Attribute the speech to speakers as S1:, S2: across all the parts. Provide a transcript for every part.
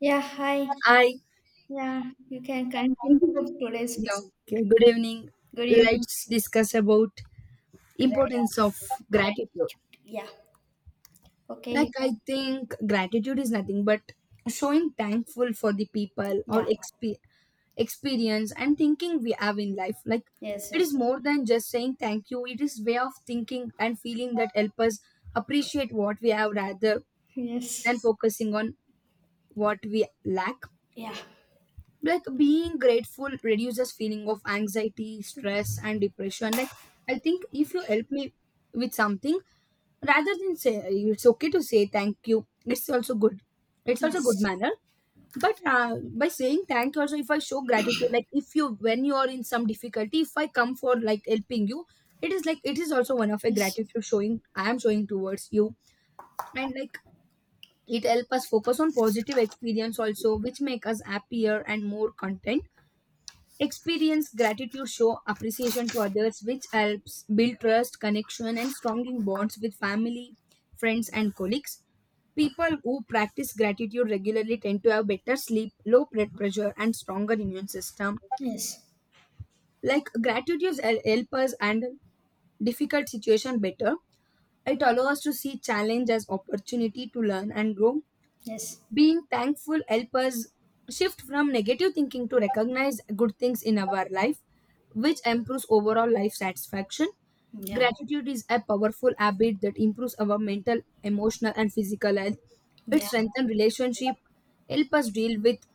S1: Yeah, hi.
S2: I,
S1: Yeah, you can continue with today's talk.
S2: yeah. Okay. Good evening.
S1: Good evening.
S2: Let's discuss about
S1: Great,
S2: importance of gratitude.
S1: gratitude. Yeah. Okay,
S2: Like
S1: you
S2: I
S1: can.
S2: think gratitude is nothing but showing thankful for the people or
S1: Yeah.
S2: experience and thinking we have in life. Like
S1: Yes,
S2: it
S1: yes.
S2: is more than just saying thank you. It is way of thinking and feeling that help us appreciate what we have rather than
S1: Yes.
S2: focusing on what we lack.
S1: Yes. Yeah.
S2: Like being grateful reduces feeling of anxiety, stress and depression. Like I think if you help me with something, rather than say it's okay to say thank you, it's also good, it's also good
S1: Yes.
S2: manner. But by saying thank you also, if I show gratitude, like if you, when you are in some difficulty, if I come for like helping you, it is like it is also one of a
S1: Yes.
S2: gratitude showing, I am showing towards you. And like it help us focus on positive experience also, which make us happier and more content. Experience gratitude show appreciation to others, which helps build trust, connection, and strong bonds with family, friends, and colleagues. People who practice gratitude regularly tend to have better sleep, low blood pressure, and stronger immune system.
S1: Yes.
S2: Like gratitude help us handle difficult situation better. It allows us to see challenge as opportunity to learn and grow.
S1: Yes.
S2: Being thankful help us shift from negative thinking to recognize good things in our life, which improves overall life satisfaction.
S1: Yeah.
S2: Gratitude is a powerful habit that improves our mental, emotional and physical health. It
S1: Yeah.
S2: strengthens relationship, help us deal with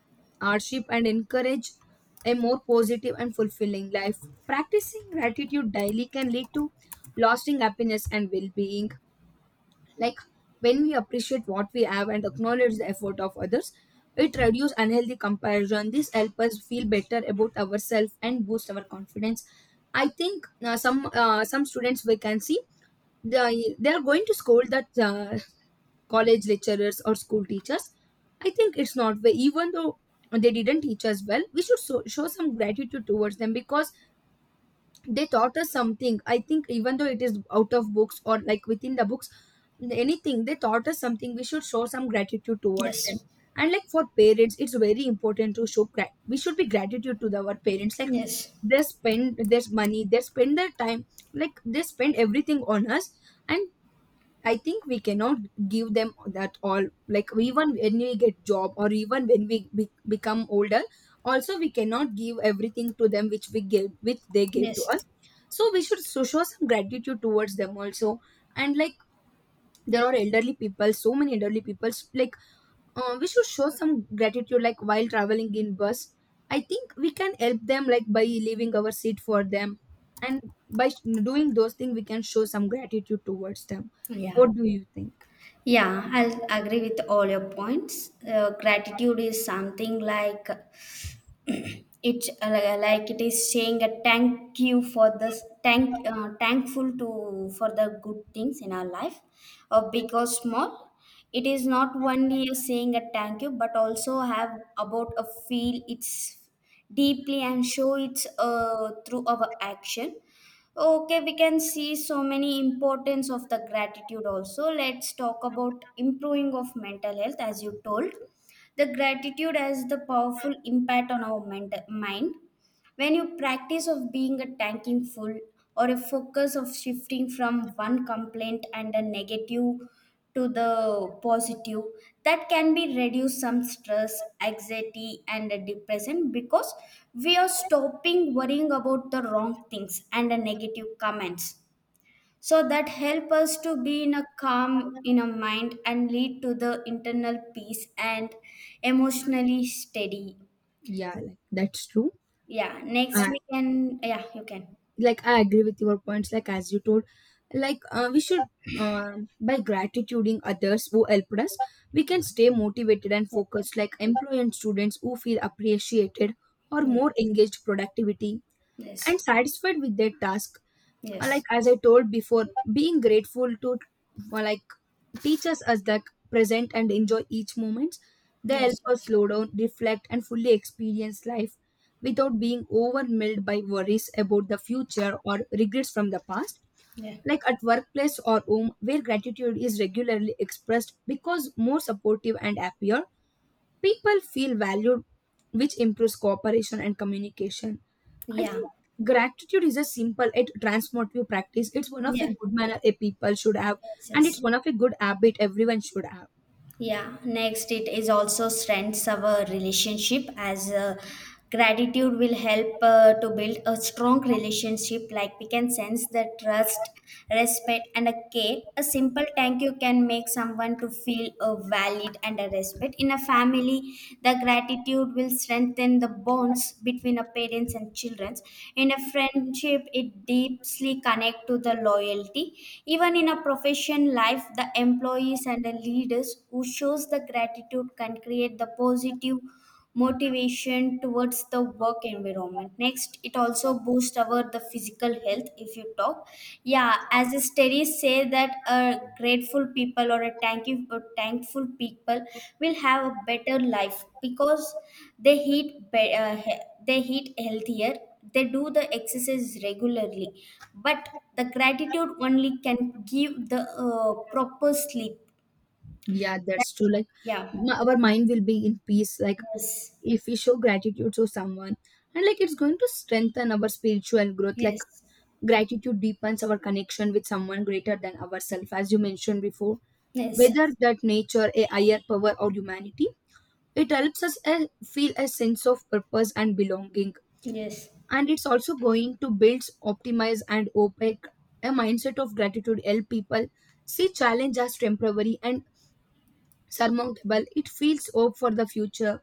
S2: hardship and encourage a more positive and fulfilling life. Practicing gratitude daily can lead to lasting happiness and well-being. Like when we appreciate what we have and acknowledge the effort of others, it reduces unhealthy comparison. This helps us feel better about ourselves and boost our confidence. I think some students we can see they are going to scold that college lecturers or school teachers. I think it's not way. Even though they didn't teach us well, we should so, show some gratitude towards them because they taught us something. I think even though it is out of books or like within the books, anything they taught us something, we should show some gratitude towards them.
S1: Yes.
S2: And like for parents, it's very important to show we should be gratitude to the, our parents. Like
S1: Yes.
S2: they spend their money, they spend their time, like they spend everything on us. And I think we cannot give them that all. Like even when we get job or even when we become older, also we cannot give everything to them which we gave, which they gave to
S1: Yes.
S2: us. So we should so show some gratitude towards them also. And like there are elderly people, so many elderly people. So, like we should show some gratitude. Like while traveling in bus, I think we can help them, like by leaving our seat for them, and by doing those things, we can show some gratitude towards them.
S1: Yeah.
S2: What do you think?
S1: Yeah, I'll agree with all your points. Gratitude is something like it is saying a thank you for this thank thankful to for the good things in our life, big or small. It is not only saying a thank you, but also have about a feel it's deeply and show it's through our action. Okay, we can see so many importance of the gratitude. Also, let's talk about improving of mental health. As you told, the gratitude has the powerful impact on our mind. When you practice of being a thankful, or a focus of shifting from one complaint and a negative to the positive, that can be reduce some stress, anxiety and a depression, because we are stopping worrying about the wrong things and the negative comments. So that help us to be in a calm in a mind and lead to the internal peace and emotionally steady.
S2: Yeah, like that's true.
S1: Yeah, next
S2: uh,
S1: we can. Yeah, you can.
S2: like I agree with your points. Like as you told, like we should uh, by gratituding others who helped us, we can stay motivated and focused. Like employee and students who feel appreciated or
S1: Yeah.
S2: more engaged, productivity
S1: Yes,
S2: and satisfied with their task. Like
S1: yes,
S2: as I told before, being grateful to like teaches us the present and enjoy each moment. They help
S1: yes,
S2: us
S1: yes.
S2: slow down, reflect, and fully experience life without being overwhelmed by worries about the future or regrets from the past.
S1: Yeah,
S2: Like at workplace or home, where gratitude is regularly expressed because more supportive and happier, people feel valued, which improves cooperation and communication. I
S1: yeah,
S2: think gratitude is a simple, it transformative practice. It's one of a
S1: yeah.
S2: good manner a people should have,
S1: Yes,
S2: and
S1: yes.
S2: it's one of a good habit everyone should have.
S1: Yeah, next it is also strengths our relationship. As gratitude will help to build a strong relationship, like we can sense the trust, respect and a care. A simple thank you can make someone to feel a valid and a respect. In a family, the gratitude will strengthen the bonds between a parents and children. In a friendship, it deeply connect to the loyalty. Even in a profession life, the employees and the leaders who shows the gratitude can create the positive motivation towards the work environment. Next, it also boosts our the physical health, if you talk. Yeah, as the studies say that a grateful people or or thankful people will have a better life, because they eat healthier, they do the exercise regularly. But the gratitude only can give the proper sleep.
S2: Yeah, that's true. Like
S1: Yeah.
S2: our mind will be in peace. Like
S1: Yes.
S2: if we show gratitude to someone, and like it's going to strengthen our spiritual growth. Like
S1: Yes.
S2: gratitude deepens our connection with someone greater than ourselves, as you mentioned before.
S1: Yes.
S2: Whether that nature, a higher power, or humanity. It helps us feel a sense of purpose and belonging.
S1: Yes.
S2: And it's also going to build, optimize, and opaque a mindset of gratitude. Help people see challenge as temporary and surmountable. It feels hope for the future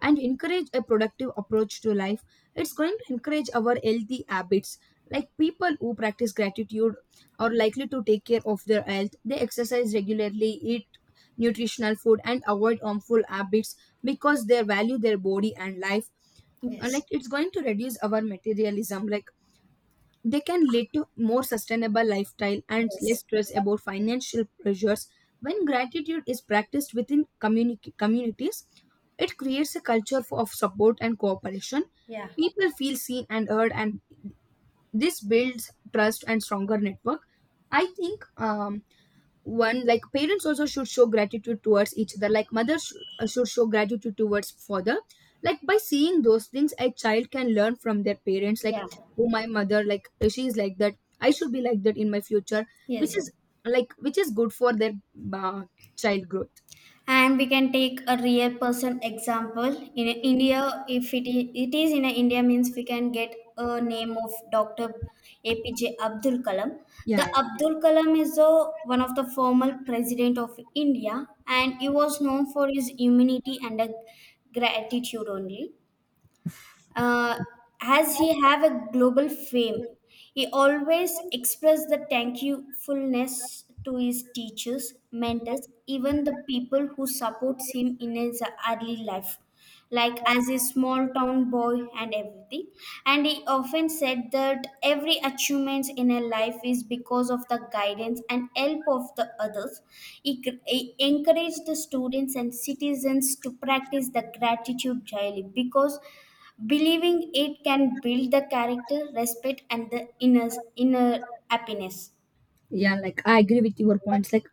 S2: and encourage a productive approach to life. It's going to encourage our healthy habits. Like people who practice gratitude are likely to take care of their health. They exercise regularly, eat nutritional food and avoid harmful habits, because they value their body and life. And like
S1: Yes.
S2: it's going to reduce our materialism. Like they can lead to more sustainable lifestyle and less
S1: Yes.
S2: stress about financial pressures. When gratitude is practiced within communities, it creates a culture of support and cooperation.
S1: Yeah.
S2: People feel seen and heard, and this builds trust and stronger network. I think one, like parents also should show gratitude towards each other. Like mothers should show gratitude towards father. Like by seeing those things a child can learn from their parents, like
S1: Yeah.
S2: oh my mother, like she is like that, I should be like that in my future,
S1: Yes.
S2: which
S1: Yes.
S2: is like which is good for their uh, child growth.
S1: And we can take a real person example in India. If it is in India, means we can get a name of Dr. APJ Abdul Kalam.
S2: Yeah,
S1: The
S2: yeah,
S1: Abdul
S2: yeah.
S1: Kalam is one of the former president of India, and he was known for his humanity and a gratitude only. Uh, as he have a global fame, he always expressed the thankfulness to his teachers, mentors, even the people who supports him in his early life, like as a small town boy and everything. And he often said that every achievement in a life is because of the guidance and help of the others. He encouraged the students and citizens to practice the gratitude daily, because believing it can build the character, respect, and the inner happiness.
S2: Yeah, like I agree with your points. Like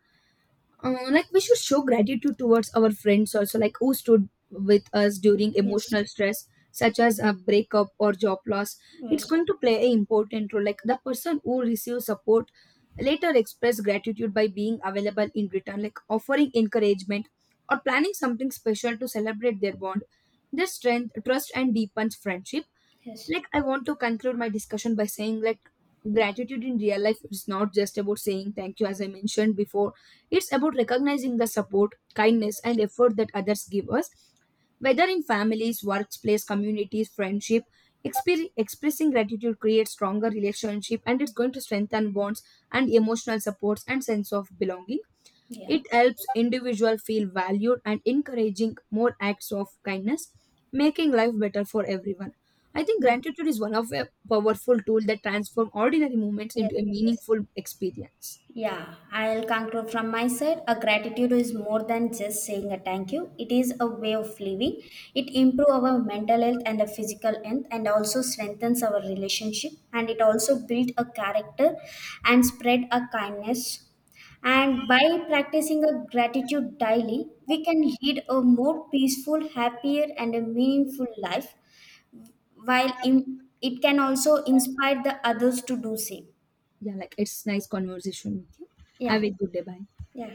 S2: like we should show gratitude towards our friends also, like who stood with us during emotional
S1: Yes.
S2: stress such as a breakup or job loss. It's
S1: Yes.
S2: going to play an important role. Like the person who receives support later express gratitude by being available in return, like offering encouragement or planning something special to celebrate their bond. This strength trust and deepens friendship.
S1: Yes.
S2: Like I want to conclude my discussion by saying, like gratitude in real life is not just about saying thank you, as I mentioned before. It's about recognizing the support, kindness and effort that others give us, whether in families, workplace, communities, friendship. Expressing gratitude creates stronger relationship, and it's going to strengthen bonds and emotional supports and sense of belonging.
S1: Yeah.
S2: It helps individual feel valued and encouraging more acts of kindness, making life better for everyone. I think gratitude is one of a powerful tool that transform ordinary moments
S1: Yes.
S2: into a
S1: Yes.
S2: meaningful experience.
S1: Yeah, I'll conclude from my side. A gratitude is more than just saying a thank you. It is a way of living. It improves our mental health and the physical health, and also strengthens our relationship, and it also builds a character and spread a kindness. And by practicing a gratitude daily, we can lead a more peaceful, happier and a meaningful life, while in, it can also inspire the others to do same.
S2: Yeah, like it's nice conversation with you. Have
S1: Yeah.
S2: a good day. Bye.
S1: Yeah.